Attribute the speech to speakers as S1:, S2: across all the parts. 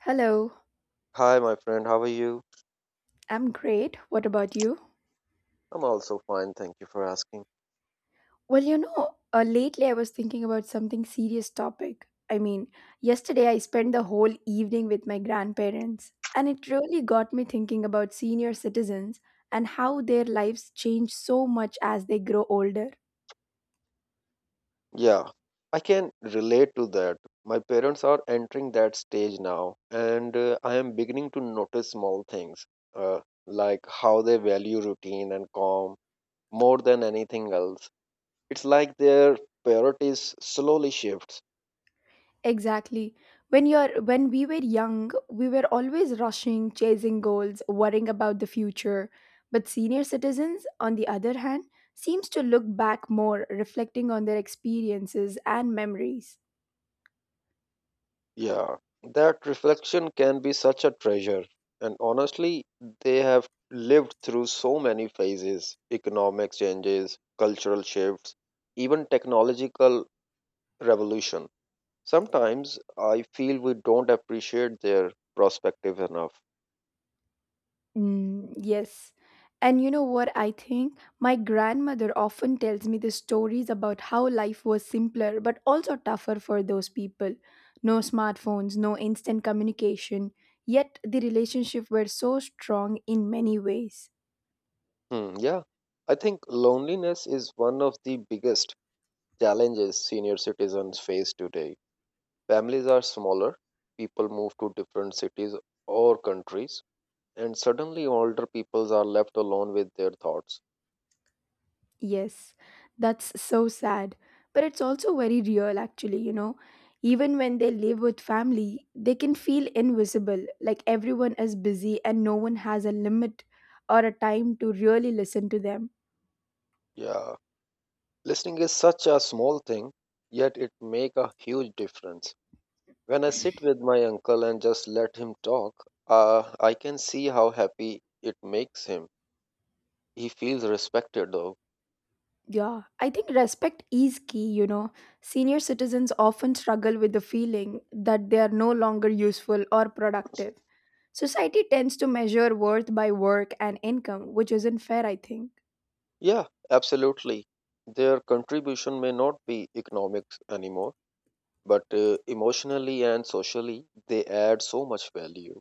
S1: Hello,
S2: Hi, my friend. How are you?
S1: I'm great. What about you?
S2: I'm also fine. Thank you for asking.
S1: Well, lately I was thinking about something serious topic. I mean, yesterday I spent the whole evening with my grandparents, and it really got me thinking about senior citizens and how their lives change so much as they grow older.
S2: Yeah, I can relate to that. My parents are entering that stage now, and I am beginning to notice small things, uh, like how they value routine and calm more than anything else. It's like their priorities slowly shifts.
S1: Exactly. When we were young, we were always rushing, chasing goals, worrying about the future. But senior citizens, on the other hand, seems to look back more, reflecting on their experiences and memories.
S2: Yeah, that reflection can be such a treasure. And honestly, they have lived through so many phases economic changes, cultural shifts, even technological revolution. Sometimes I feel we don't appreciate their perspective enough.
S1: Mm, yes. And you know what I think? My grandmother often tells me the stories about how life was simpler but also tougher for those people. No smartphones, no instant communication, yet the relationship were so strong in many ways.
S2: Yeah, I think loneliness is one of the biggest challenges senior citizens face today. Families are smaller, people move to different cities or countries, and suddenly older peoples are left alone with their thoughts.
S1: Yes, that's so sad. But it's also very real, actually. Even when they live with family, they can feel invisible, like everyone is busy and no one has a limit or a time to really listen to them.
S2: Yeah, listening is such a small thing, yet it make a huge difference. When I sit with my uncle and just let him talk, I can see how happy it makes him. He feels respected though.
S1: Yeah, I think respect is key. Senior citizens often struggle with the feeling that they are no longer useful or productive. Society tends to measure worth by work and income, which isn't fair, I think.
S2: Yeah, absolutely. Their contribution may not be economic anymore, but emotionally and socially they add so much value.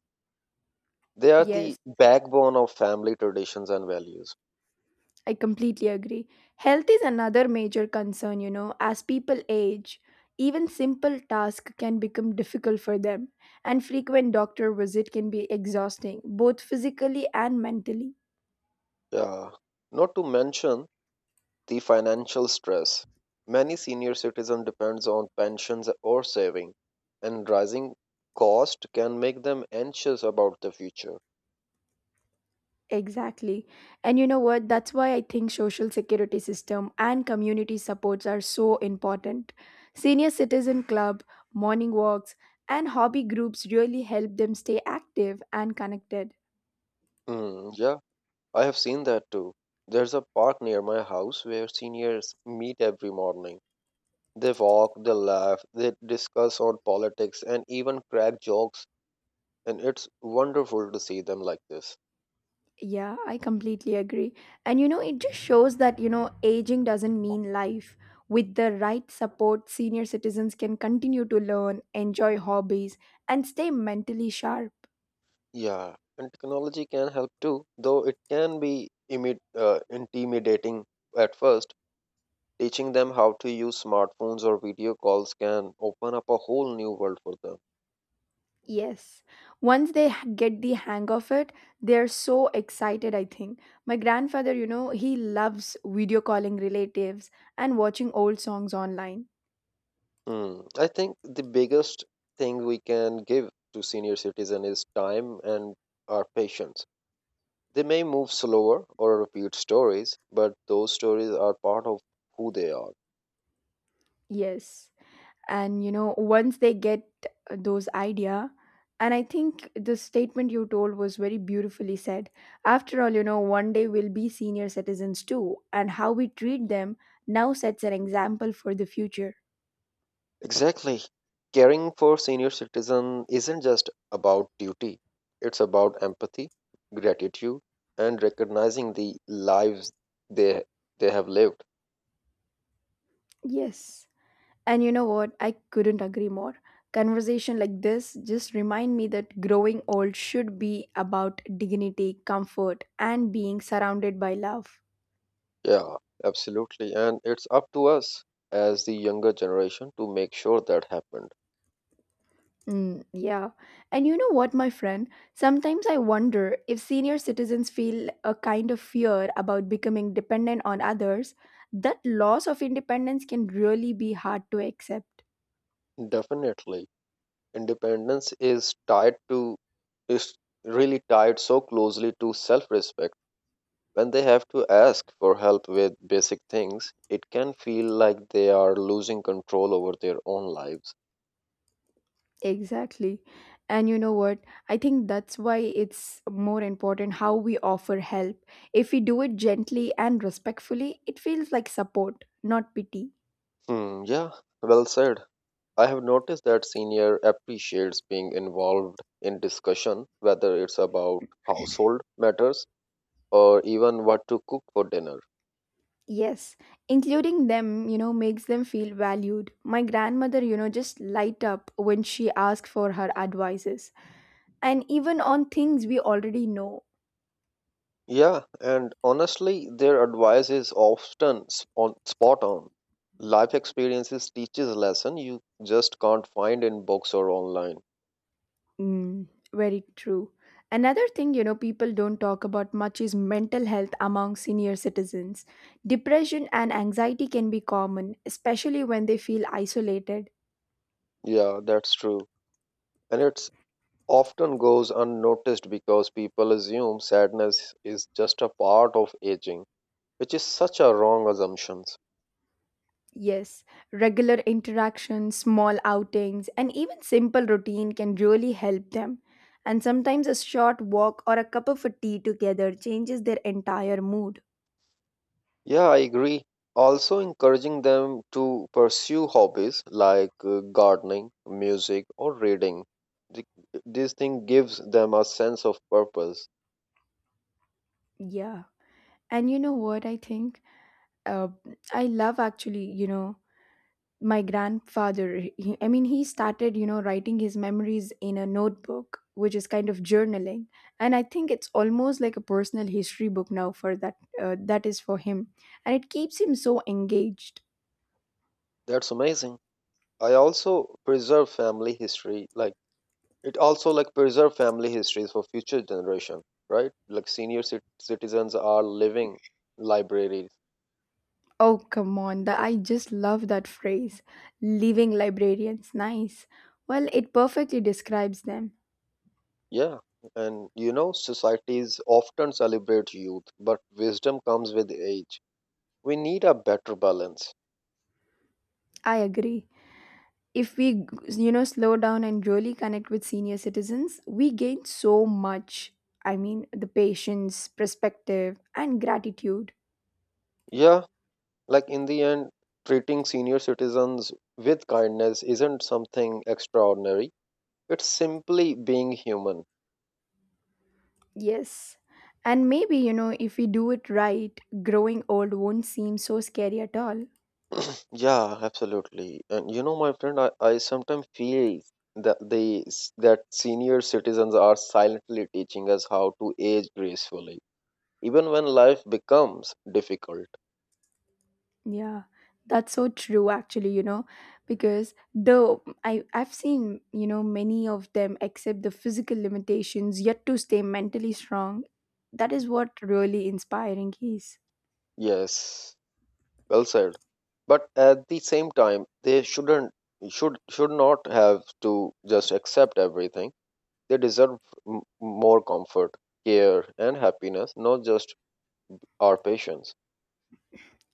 S2: They are the
S1: Yes.
S2: backbone of family traditions and values.
S1: I completely agree. Health is another major concern, as people age, even simple tasks can become difficult for them, and frequent doctor visit can be exhausting, both physically and mentally.
S2: Yeah, not to mention the financial stress. Many senior citizens depends on pensions or saving, and rising cost can make them anxious about the future.
S1: Exactly. And you know what? That's why I think social security system and community supports are so important. Senior citizen club, morning walks, and hobby groups really help them stay active and connected.
S2: Yeah, I have seen that too. There's a park near my house where seniors meet every morning. They walk, they laugh, they discuss on politics and even crack jokes, and it's wonderful to see them like this.
S1: Yeah, I completely agree. It just shows that aging doesn't mean life. With the right support, senior citizens can continue to learn, enjoy hobbies, and stay mentally sharp.
S2: Yeah, and technology can help too, though it can be intimidating at first. Teaching them how to use smartphones or video calls can open up a whole new world for them.
S1: Yes. Once they get the hang of it, they're so excited, I think. My grandfather, you know, he loves video calling relatives and watching old songs online.
S2: Hmm. I think the biggest thing we can give to senior citizens is time and our patience. They may move slower or repeat stories, but those stories are part of who they are.
S1: Yes. and you know once they get those idea. And I think the statement you told was very beautifully said. After all, one day we'll be senior citizens too, and how we treat them now sets an example for the future.
S2: Exactly. Caring for senior citizens isn't just about duty, it's about empathy, gratitude, and recognizing the lives they they have lived.
S1: Yes. And you know what? I couldn't agree more. Conversation like this just remind me that growing old should be about dignity, comfort, and being surrounded by love.
S2: Yeah, absolutely. And it's up to us as the younger generation to make sure that happened.
S1: Mm, yeah. And you know what, my friend? Sometimes I wonder if senior citizens feel a kind of fear about becoming dependent on others. That loss of independence can really be hard to accept.
S2: Definitely. Independence is tied to is really tied so closely to self-respect. When they have to ask for help with basic things, it can feel like they are losing control over their own lives.
S1: Exactly. And you know what? I think that's why it's more important how we offer help. If we do it gently and respectfully, it feels like support, not pity.
S2: Yeah, well said. I have noticed that senior appreciates being involved in discussion, whether it's about household matters or even what to cook for dinner.
S1: Yes, including them, makes them feel valued. My grandmother just light up when she asks for her advices. And even on things we already know.
S2: Yeah, and honestly, their advice is often sp- on spot on. Life experiences teaches lesson you just can't find in books or online.
S1: Mm, very true. Another thing, people don't talk about much is mental health among senior citizens. Depression and anxiety can be common, especially when they feel isolated.
S2: Yeah, that's true. And it often goes unnoticed because people assume sadness is just a part of aging, which is such a wrong assumption.
S1: Yes, regular interactions, small outings, and even simple routine can really help them. And sometimes a short walk or a cup of a tea together changes their entire mood.
S2: Yeah, I agree. Also encouraging them to pursue hobbies like gardening music or reading. This thing gives them a sense of purpose.
S1: Yeah. And you know what I think? Uh, I love actually, my grandfather. He, I mean, he started writing his memories in a notebook, which is kind of journaling. And I think it's almost like a personal history book now for that is for him. And it keeps him so engaged.
S2: That's amazing. I also preserve family history like It also like preserve family histories for future generation, right? Like senior citizens are living libraries.
S1: Oh, come on. I just love that phrase. Living librarians. Nice. Well, it perfectly describes them.
S2: Yeah, and you know societies often celebrate youth, but wisdom comes with age. We need a better balance.
S1: I agree. If we, slow down and really connect with senior citizens, we gain so much. I mean, the patience, perspective, and gratitude.
S2: Yeah, like in the end, treating senior citizens with kindness isn't something extraordinary. It's simply being human.
S1: Yes. And maybe, if we do it right, growing old won't seem so scary at all.
S2: Yeah, absolutely. And you know, my friend, I sometimes feel that senior citizens are silently teaching us how to age gracefully, even when life becomes difficult.
S1: Yeah, that's so true actually, because though I've seen, many of them accept the physical limitations yet to stay mentally strong. That is what really inspiring is.
S2: Yes, well said. But at the same time, they should not have to just accept everything. They deserve m more comfort, care, and happiness, not just our patience.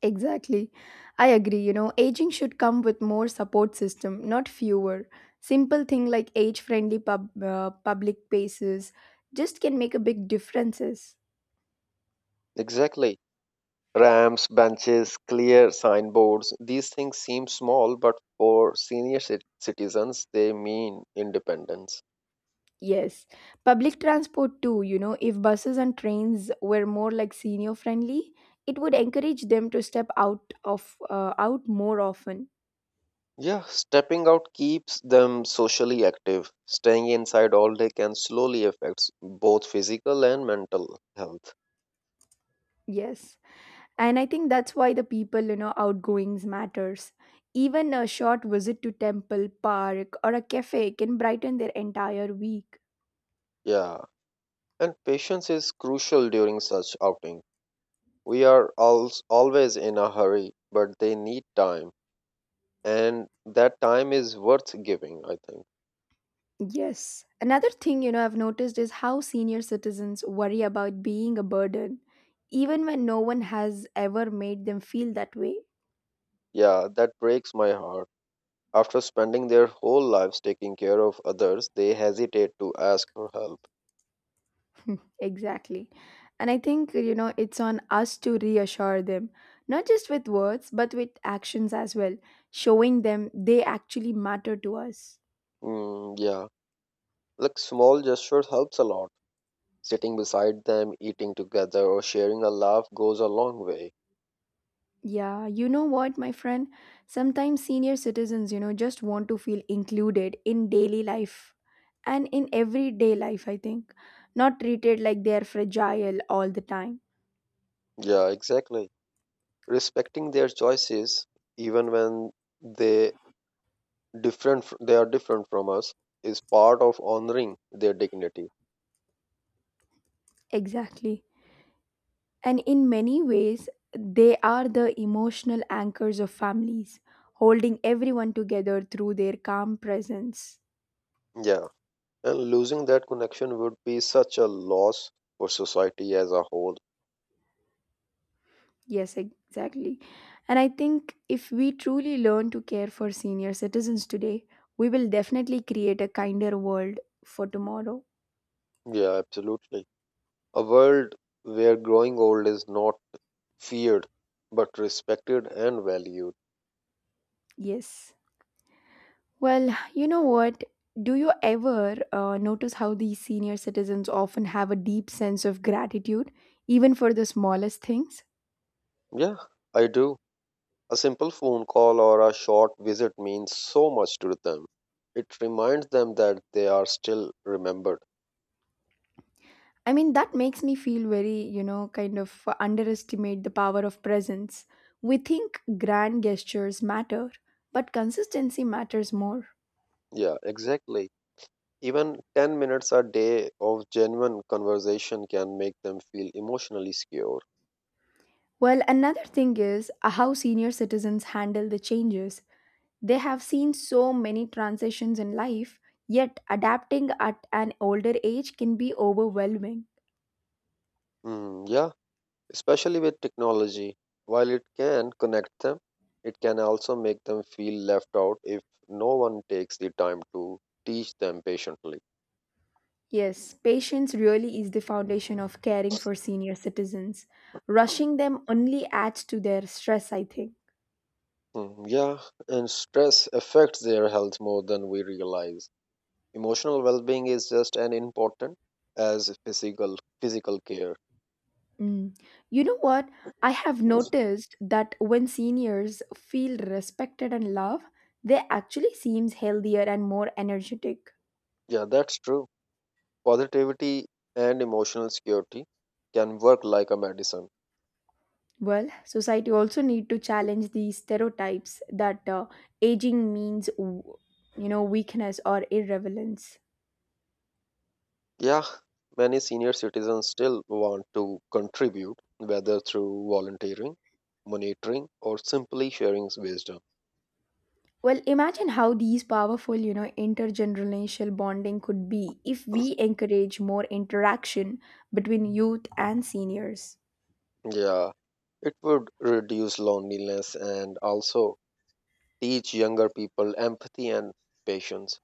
S1: Exactly. I agree, aging should come with more support system, not fewer. Simple thing like age-friendly public spaces just can make a big differences.
S2: Exactly. Ramps, benches, clear signboards, these things seem small, but for senior citizens, they mean independence.
S1: Yes, public transport too. If buses and trains were more like senior friendly, it would encourage them to step out more often.
S2: Yeah, stepping out keeps them socially active. Staying inside all day can slowly affect both physical and mental health.
S1: Yes, and I think that's why the people outgoings matters. Even a short visit to temple, park, or a cafe can brighten their entire week.
S2: Yeah, and patience is crucial during such outing. We are always in a hurry, but they need time, and that time is worth giving, I think.
S1: Yes. Another thing, I've noticed is how senior citizens worry about being a burden, even when no one has ever made them feel that way.
S2: Yeah, that breaks my heart. After spending their whole lives taking care of others, they hesitate to ask for help.
S1: Exactly. And I think, it's on us to reassure them, not just with words, but with actions as well, showing them they actually matter to us.
S2: Yeah, like small gestures helps a lot. Sitting beside them, eating together, or sharing a laugh goes a long way.
S1: Yeah, you know what, my friend? Sometimes senior citizens, just want to feel included in daily life and in everyday life, I think, not treated like they are fragile all the time.
S2: Yeah, exactly. Respecting their choices, even when they they are different from us, is part of honoring their dignity.
S1: Exactly. And in many ways, they are the emotional anchors of families, holding everyone together through their calm presence.
S2: Yeah, and losing that connection would be such a loss for society as a whole.
S1: Yes, exactly. And I think if we truly learn to care for senior citizens today, we will definitely create a kinder world for tomorrow.
S2: Yeah, absolutely. A world where growing old is not feared but respected and valued.
S1: Yes. Well, you know what? Do you ever notice how these senior citizens often have a deep sense of gratitude, even for the smallest things?
S2: Yeah, I do. A simple phone call or a short visit means so much to them. It reminds them that they are still remembered.
S1: I mean, that makes me feel very, kind of underestimate the power of presence. We think grand gestures matter, but consistency matters more.
S2: Yeah, exactly. Even 10 minutes a day of genuine conversation can make them feel emotionally secure.
S1: Well, another thing is how senior citizens handle the changes. They have seen so many transitions in life, yet adapting at an older age can be overwhelming.
S2: Yeah, especially with technology, while it can connect them, it can also make them feel left out if no one takes the time to teach them patiently.
S1: Yes, patience really is the foundation of caring for senior citizens. Rushing them only adds to their stress, I think.
S2: Yeah, and stress affects their health more than we realize. Emotional well-being is just as important as physical care.
S1: Mm. You know what? I have noticed that when seniors feel respected and loved, they actually seems healthier and more energetic.
S2: Yeah, that's true. Positivity and emotional security can work like a medicine.
S1: Well, society also need to challenge these stereotypes that aging means weakness or irrelevance.
S2: Yeah, many senior citizens still want to contribute, whether through volunteering, monitoring, or simply sharing wisdom.
S1: Well, imagine how these powerful, intergenerational bonding could be if we encourage more interaction between youth and seniors.
S2: Yeah, it would reduce loneliness and also teach younger people empathy and patience.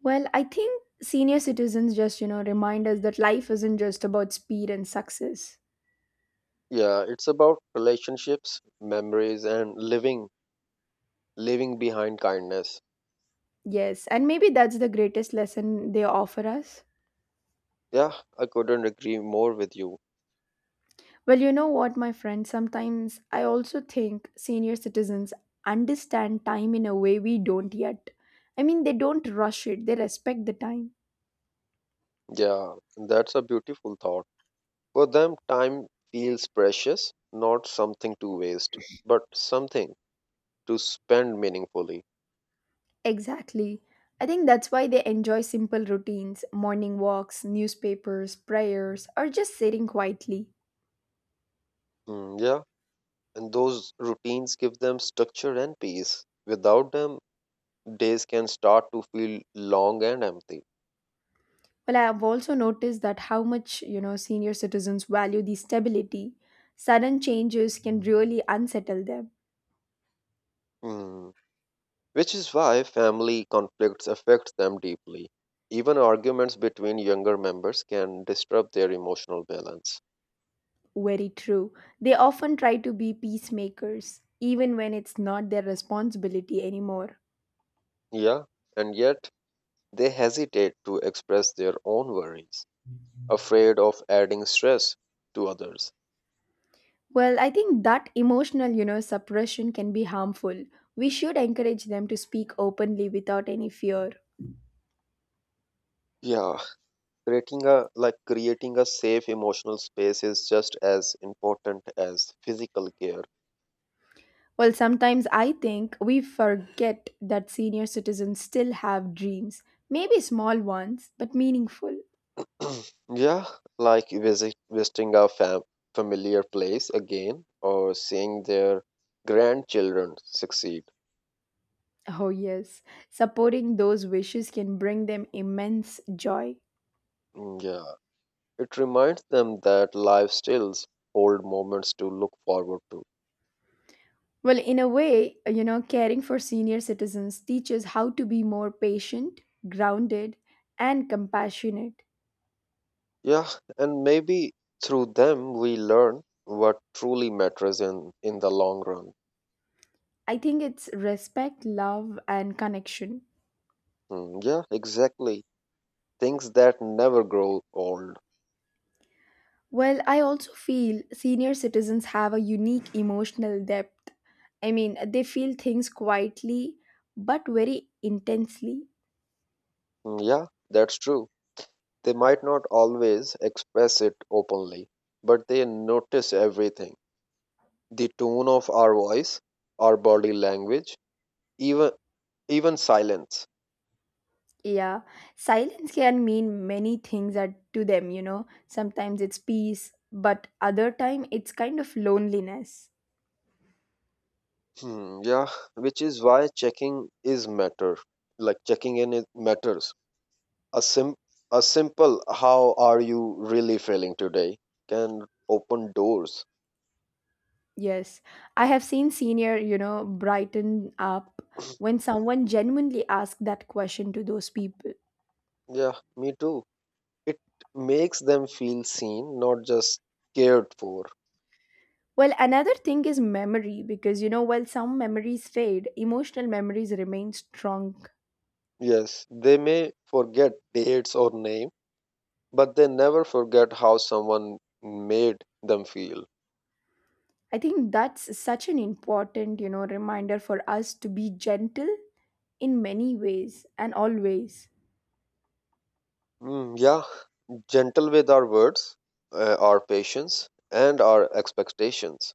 S1: Well, I think senior citizens just, remind us that life isn't just about speed and success.
S2: Yeah, it's about relationships, memories, and living leaving behind kindness.
S1: Yes, and maybe that's the greatest lesson they offer us.
S2: Yeah, I couldn't agree more with you.
S1: Well, you know what, my friend, sometimes I also think senior citizens understand time in a way we don't yet. I mean, they don't rush it, they respect the time.
S2: Yeah, that's a beautiful thought. For them, time feels precious, not something to waste, but something to spend meaningfully.
S1: Exactly. I think that's why they enjoy simple routines, morning walks, newspapers, prayers, or just sitting quietly.
S2: Yeah, and those routines give them structure and peace. Without them, days can start to feel long and empty.
S1: Well, I have also noticed that how much, senior citizens value the stability. Sudden changes can really unsettle them.
S2: Mm. Which is why family conflicts affect them deeply. Even arguments between younger members can disrupt their emotional balance.
S1: Very true. They often try to be peacemakers, even when it's not their responsibility anymore.
S2: Yeah, and yet they hesitate to express their own worries, afraid of adding stress to others.
S1: Well, I think that emotional suppression can be harmful. We should encourage them to speak openly without any fear.
S2: Yeah, creating a safe emotional space is just as important as physical care.
S1: Well, sometimes I think we forget that senior citizens still have dreams, maybe small ones, but meaningful.
S2: Yeah, like visiting a familiar place again or seeing their grandchildren succeed.
S1: Oh, yes. Supporting those wishes can bring them immense joy.
S2: Yeah, it reminds them that life still hold moments to look forward to.
S1: Well, in a way, caring for senior citizens teaches how to be more patient, grounded, and compassionate.
S2: Yeah, and maybe through them we learn what truly matters in the long run.
S1: I think it's respect, love, and connection.
S2: Yeah, exactly. Things that never grow old.
S1: Well, I also feel senior citizens have a unique emotional depth. I mean, they feel things quietly but very intensely.
S2: Yeah, that's true. They might not always express it openly, but they notice everything. The tone of our voice, our body language, even even silence.
S1: Yeah, silence can mean many things to them, you know. Sometimes it's peace, but other time it's kind of loneliness.
S2: Yeah, which is why checking is matter. Like checking in it matters. A sim a simple how are you really feeling today can open doors.
S1: Yes, I have seen senior, brighten up when someone genuinely asks that question to those people.
S2: Yeah, me too. It makes them feel seen, not just cared for.
S1: Well, another thing is memory because while some memories fade, emotional memories remain strong.
S2: Yes, they may forget dates or name, but they never forget how someone made them feel.
S1: I think that's such an important reminder for us to be gentle in many ways and always.
S2: Yeah, gentle with our words, our patience, and our expectations.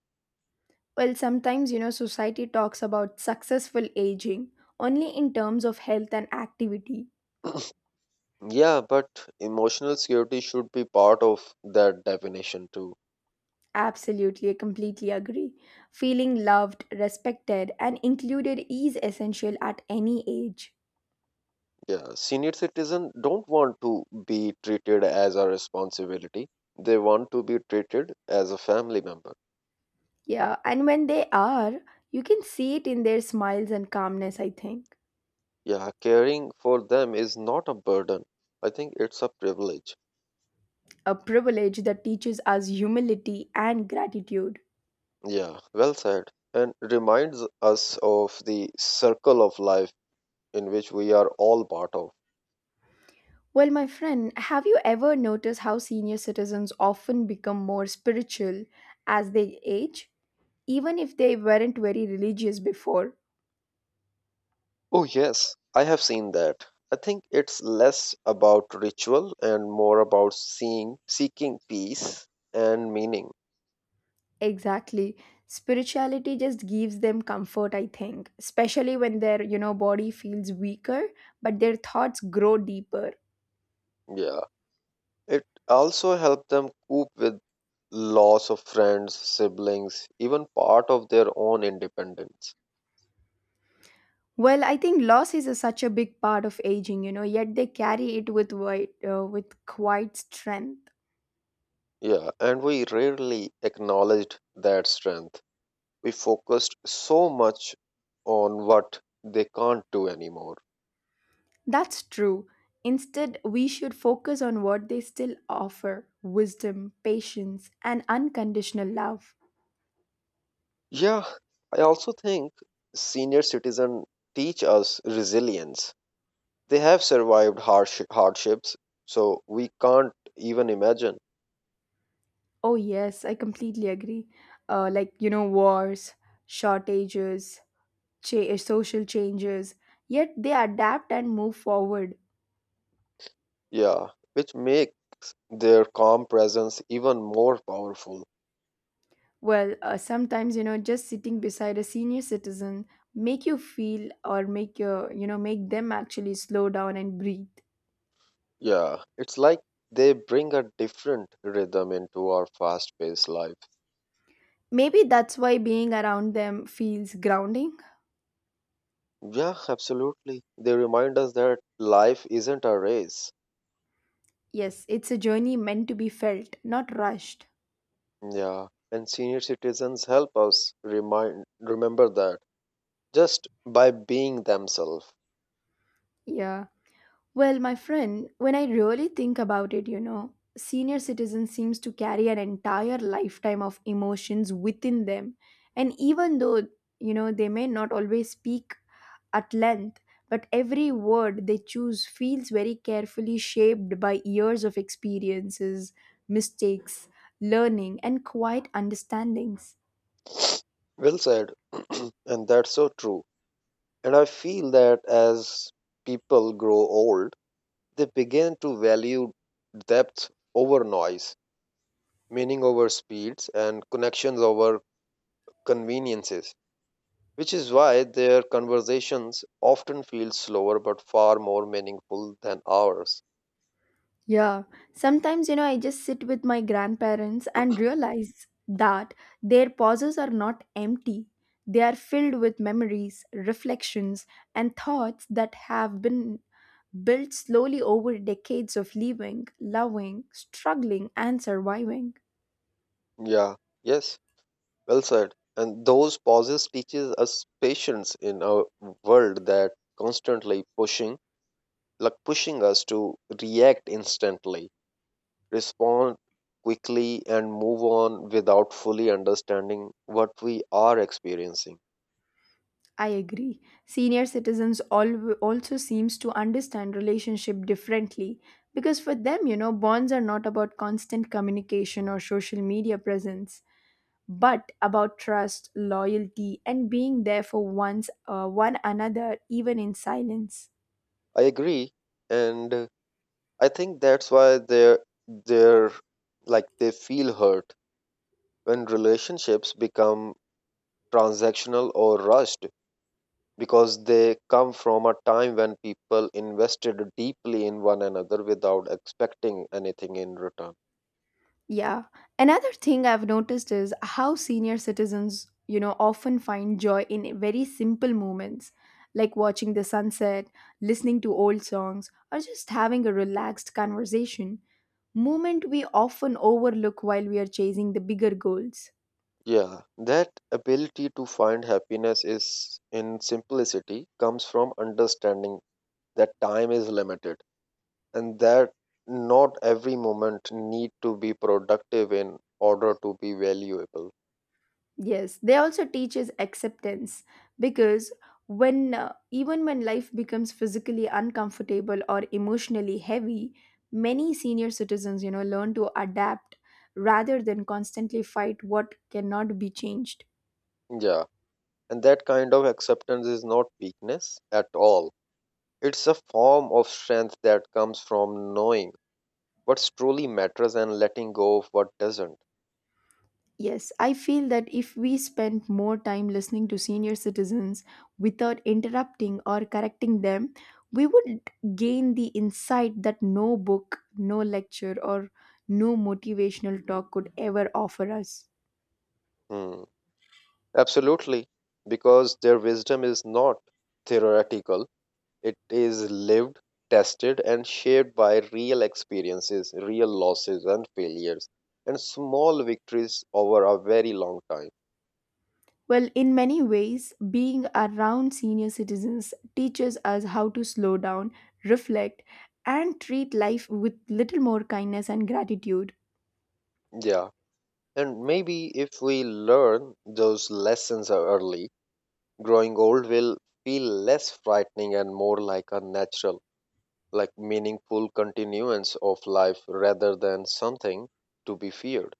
S1: Well, sometimes, society talks about successful aging only in terms of health and activity.
S2: Yeah, but emotional security should be part of that definition too.
S1: Absolutely, I completely agree. Feeling loved, respected, and included is essential at any age.
S2: Yeah, senior citizens don't want to be treated as a responsibility. They want to be treated as a family member.
S1: Yeah, and when they are, you can see it in their smiles and calmness, I think.
S2: Yeah, caring for them is not a burden. I think it's a privilege.
S1: A privilege that teaches us humility and gratitude.
S2: Yeah, well said. And reminds us of the circle of life in which we are all part of.
S1: Well, my friend, have you ever noticed how senior citizens often become more spiritual as they age? Even if they weren't very religious before.
S2: Oh, yes, I have seen that. I think it's less about ritual and more about seeking peace and meaning.
S1: Exactly. Spirituality just gives them comfort, I think, especially when their body feels weaker, but their thoughts grow deeper.
S2: Yeah. It also helped them cope with loss of friends, siblings, even part of their own independence.
S1: Well, I think loss is such a big part of aging, yet they carry it with quite strength.
S2: Yeah, and we rarely acknowledged that strength. We focused so much on what they can't do anymore.
S1: That's true. Instead, we should focus on what they still offer wisdom, patience, and unconditional love.
S2: Yeah, I also think senior citizens teach us resilience. They have survived harsh hardships, so we can't even imagine.
S1: Oh, yes, I completely agree. Wars, shortages, social changes, yet they adapt and move forward.
S2: Yeah, which makes their calm presence even more powerful.
S1: Just sitting beside a senior citizen make you feel or make your, make them actually slow down and breathe.
S2: Yeah, it's like they bring a different rhythm into our fast paced life.
S1: Maybe that's why being around them feels grounding.
S2: Yeah, absolutely. They remind us that life isn't a race.
S1: Yes, it's a journey meant to be felt, not rushed.
S2: Yeah, and senior citizens help us remind remember that just by being themselves.
S1: Yeah. Well, my friend, when I really think about it, senior citizen seems to carry an entire lifetime of emotions within them. And even though, they may not always speak at length, but every word they choose feels very carefully shaped by years of experiences, mistakes, learning, and quiet understandings.
S2: Well said, and that's so true. And I feel that as people grow old, they begin to value depth over noise, meaning over speeds, and connections over conveniences, which is why their conversations often feel slower but far more meaningful than ours.
S1: Yeah, sometimes I just sit with my grandparents and realize that their pauses are not empty. They are filled with memories, reflections, and thoughts that have been built slowly over decades of living, loving, struggling, and surviving.
S2: Yeah, yes, well said. And those pauses teaches us patience in a world that constantly pushing, pushing us to react instantly, respond quickly and move on without fully understanding what we are experiencing.
S1: I agree. Senior citizens also seems to understand relationship differently because for them, bonds are not about constant communication or social media presence, but about trust, loyalty, and being there for one another even in silence.
S2: I agree, and I think that's why they're they feel hurt when relationships become transactional or rushed because they come from a time when people invested deeply in one another without expecting anything in return.
S1: Yeah. Another thing I've noticed is how senior citizens, often find joy in very simple moments like watching the sunset, listening to old songs, or just having a relaxed conversation. Moment we often overlook while we are chasing the bigger goals.
S2: Yeah, that ability to find happiness is in simplicity comes from understanding that time is limited and that not every moment need to be productive in order to be valuable.
S1: Yes, they also teaches acceptance because when even when life becomes physically uncomfortable or emotionally heavy, many senior citizens, learn to adapt rather than constantly fight what cannot be changed.
S2: Yeah, and that kind of acceptance is not weakness at all. It's a form of strength that comes from knowing what truly matters and letting go of what doesn't.
S1: Yes, I feel that if we spend more time listening to senior citizens without interrupting or correcting them, we would gain the insight that no book, no lecture, or no motivational talk could ever offer us.
S2: Hmm. Absolutely, because their wisdom is not theoretical, it is lived, tested, and shaped by real experiences, real losses, and failures, and small victories over a very long time.
S1: Well, in many ways, being around senior citizens teaches us how to slow down, reflect, and treat life with little more kindness and gratitude.
S2: Yeah, and maybe if we learn those lessons early, growing old will feel less frightening and more like a natural like meaningful continuance of life rather than something to be feared.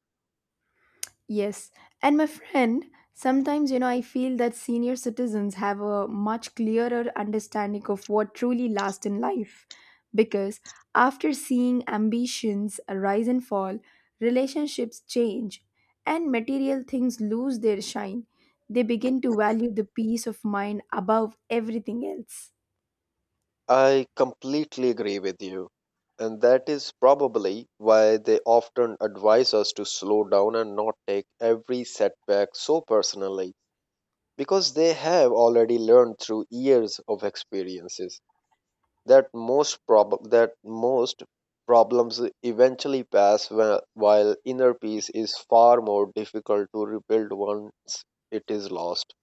S1: Yes, and my friend, sometimes I feel that senior citizens have a much clearer understanding of what truly lasts in life because after seeing ambitions rise and fall, relationships change, and material things lose their shine, they begin to value the peace of mind above everything else.
S2: I completely agree with you. And that is probably why they often advise us to slow down and not take every setback so personally, because they have already learned through years of experiences that most problems eventually pass while inner peace is far more difficult to rebuild once it is lost.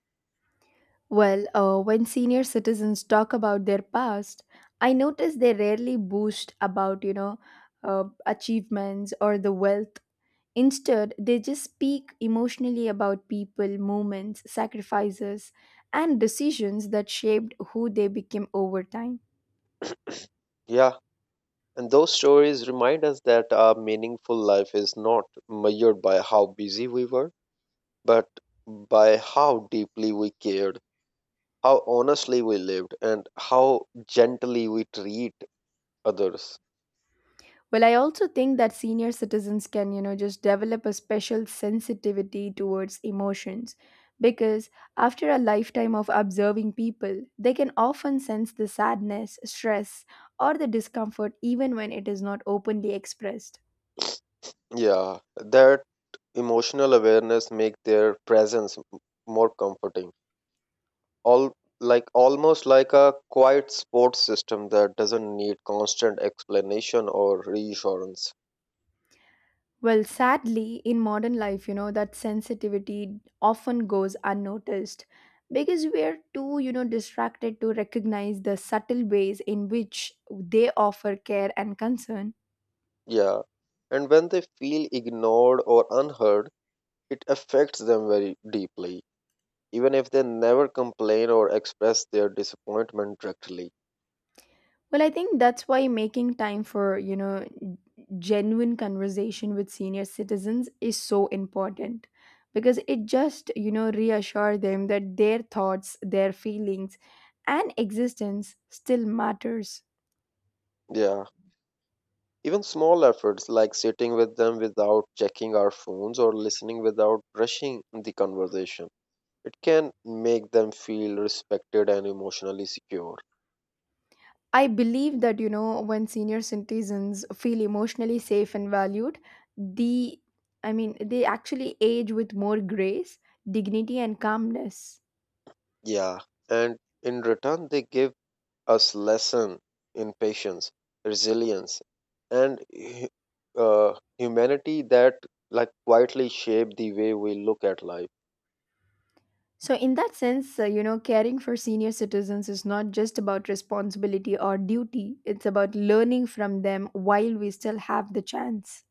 S1: When senior citizens talk about their past, I notice they rarely boast about, achievements or the wealth. Instead, they just speak emotionally about people, moments, sacrifices, and decisions that shaped who they became over time.
S2: Yeah, and those stories remind us that our meaningful life is not measured by how busy we were, but by how deeply we cared, how honestly we lived, and how gently we treat others.
S1: Well, I also think that senior citizens can, just develop a special sensitivity towards emotions because after a lifetime of observing people, they can often sense the sadness, stress, or the discomfort even when it is not openly expressed.
S2: Yeah, that emotional awareness make their presence more comforting. All like almost like a quiet sports system that doesn't need constant explanation or reassurance.
S1: Well, sadly, in modern life, that sensitivity often goes unnoticed because we are too, distracted to recognize the subtle ways in which they offer care and concern.
S2: Yeah. And when they feel ignored or unheard, it affects them very deeply, even if they never complain or express their disappointment directly.
S1: Well, I think that's why making time for, genuine conversation with senior citizens is so important because it just, reassure them that their thoughts, their feelings and existence still matters.
S2: Yeah. Even small efforts like sitting with them without checking our phones or listening without rushing the conversation, it can make them feel respected and emotionally secure.
S1: I believe that, when senior citizens feel emotionally safe and valued, the they actually age with more grace, dignity and calmness.
S2: Yeah. And in return, they give us lesson in patience, resilience, and humanity that like quietly shape the way we look at life.
S1: So, in that sense, caring for senior citizens is not just about responsibility or duty, it's about learning from them while we still have the chance.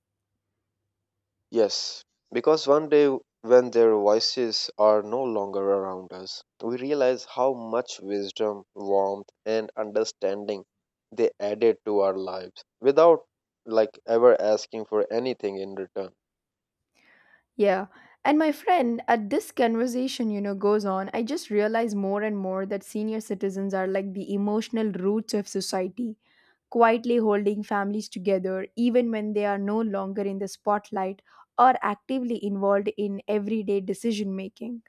S2: Yes, because one day when their voices are no longer around us, we realize how much wisdom, warmth, and understanding they added to our lives without like ever asking for anything in return.
S1: Yeah. And my friend, at this conversation, goes on, I just realize more and more that senior citizens are like the emotional roots of society, quietly holding families together even when they are no longer in the spotlight or actively involved in everyday decision making.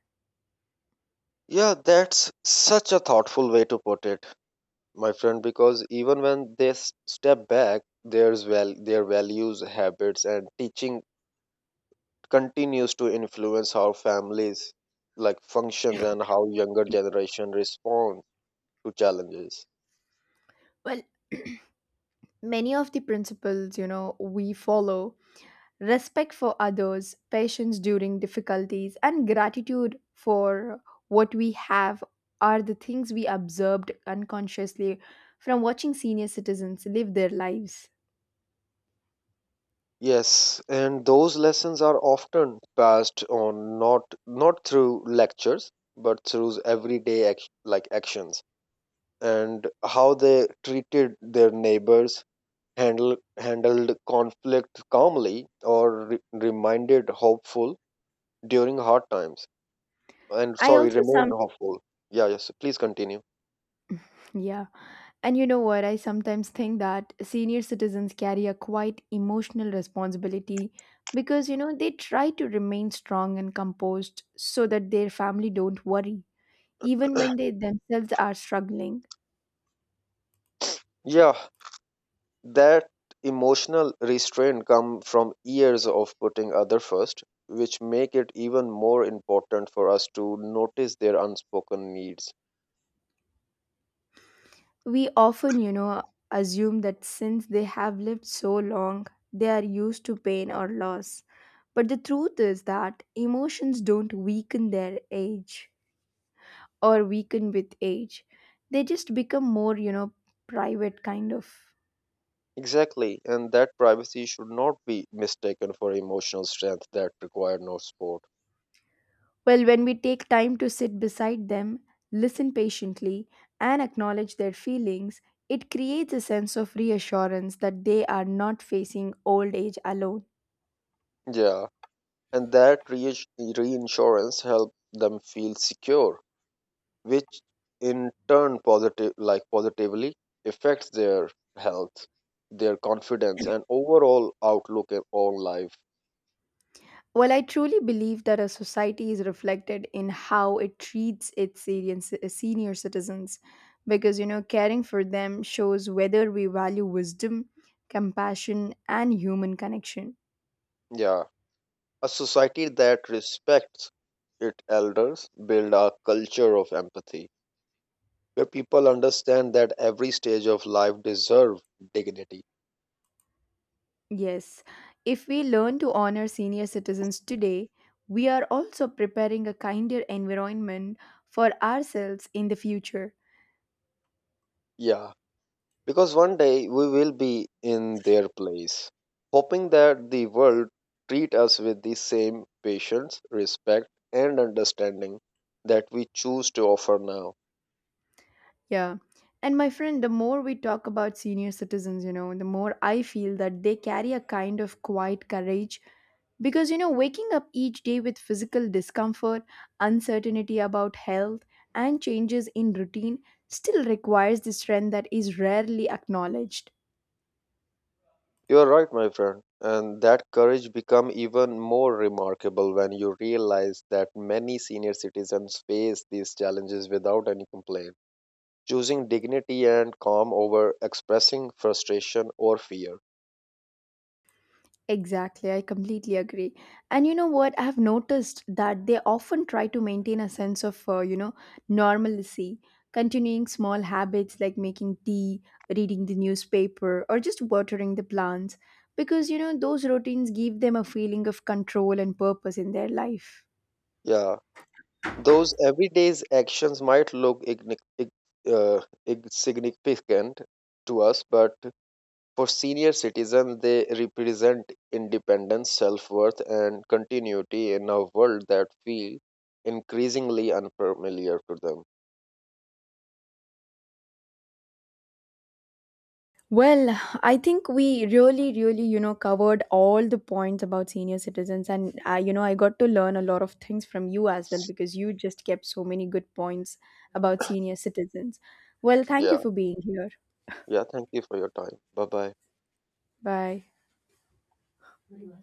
S2: Yeah, that's such a thoughtful way to put it, my friend, because even when they step back, there's their values, habits, and teaching continues to influence how families like functions and how younger generation respond to challenges.
S1: Well, many of the principles, we follow respect for others, patience during difficulties, and gratitude for what we have are the things we observed unconsciously from watching senior citizens live their lives.
S2: Yes, and those lessons are often passed on not through lectures, but through everyday like actions, and how they treated their neighbors, handled conflict calmly, or reminded hopeful during hard times, and
S1: I
S2: sorry,
S1: also some
S2: remained hopeful. Yeah, yes, please continue.
S1: yeah. And you know what? I sometimes think that senior citizens carry a quite emotional responsibility because, they try to remain strong and composed so that their family don't worry, even when they themselves are struggling.
S2: Yeah, that emotional restraint come from years of putting other first, which make it even more important for us to notice their unspoken needs.
S1: We often, assume that since they have lived so long, they are used to pain or loss. But the truth is that emotions don't weaken their age or weaken with age. They just become more, private kind of.
S2: Exactly, and that privacy should not be mistaken for emotional strength that require no support.
S1: Well, when we take time to sit beside them, listen patiently, and acknowledge their feelings, it creates a sense of reassurance that they are not facing old age alone.
S2: Yeah, and that reinsurance helped them feel secure, which in turn positively affects their health, their confidence, and overall outlook at on life.
S1: Well, I truly believe that a society is reflected in how it treats its senior citizens because, caring for them shows whether we value wisdom, compassion, and human connection.
S2: Yeah, a society that respects its elders build a culture of empathy where people understand that every stage of life deserve dignity.
S1: Yes, if we learn to honor senior citizens today, we are also preparing a kinder environment for ourselves in the future.
S2: Yeah. Because one day we will be in their place, hoping that the world treat us with the same patience, respect, and understanding that we choose to offer now.
S1: Yeah. And my friend, the more we talk about senior citizens, the more I feel that they carry a kind of quiet courage because, waking up each day with physical discomfort, uncertainty about health, and changes in routine still requires the strength that is rarely acknowledged.
S2: You are right, my friend, and that courage become even more remarkable when you realize that many senior citizens face these challenges without any complaint, choosing dignity and calm over expressing frustration or fear.
S1: Exactly, I completely agree. And you know what? I've noticed that they often try to maintain a sense of, normalcy, continuing small habits like making tea, reading the newspaper, or just watering the plants, because, those routines give them a feeling of control and purpose in their life.
S2: Yeah. Those everyday actions might look uh, insignificant to us, but for senior citizens, they represent independence, self worth, and continuity in a world that feels increasingly unfamiliar to them.
S1: Well, I think we really, covered all the points about senior citizens, and I, I got to learn a lot of things from you as well because you just kept so many good points about senior citizens. Well, thank you
S2: Yeah,
S1: for being here.
S2: yeah, thank you for your time. Bye bye.
S1: Bye.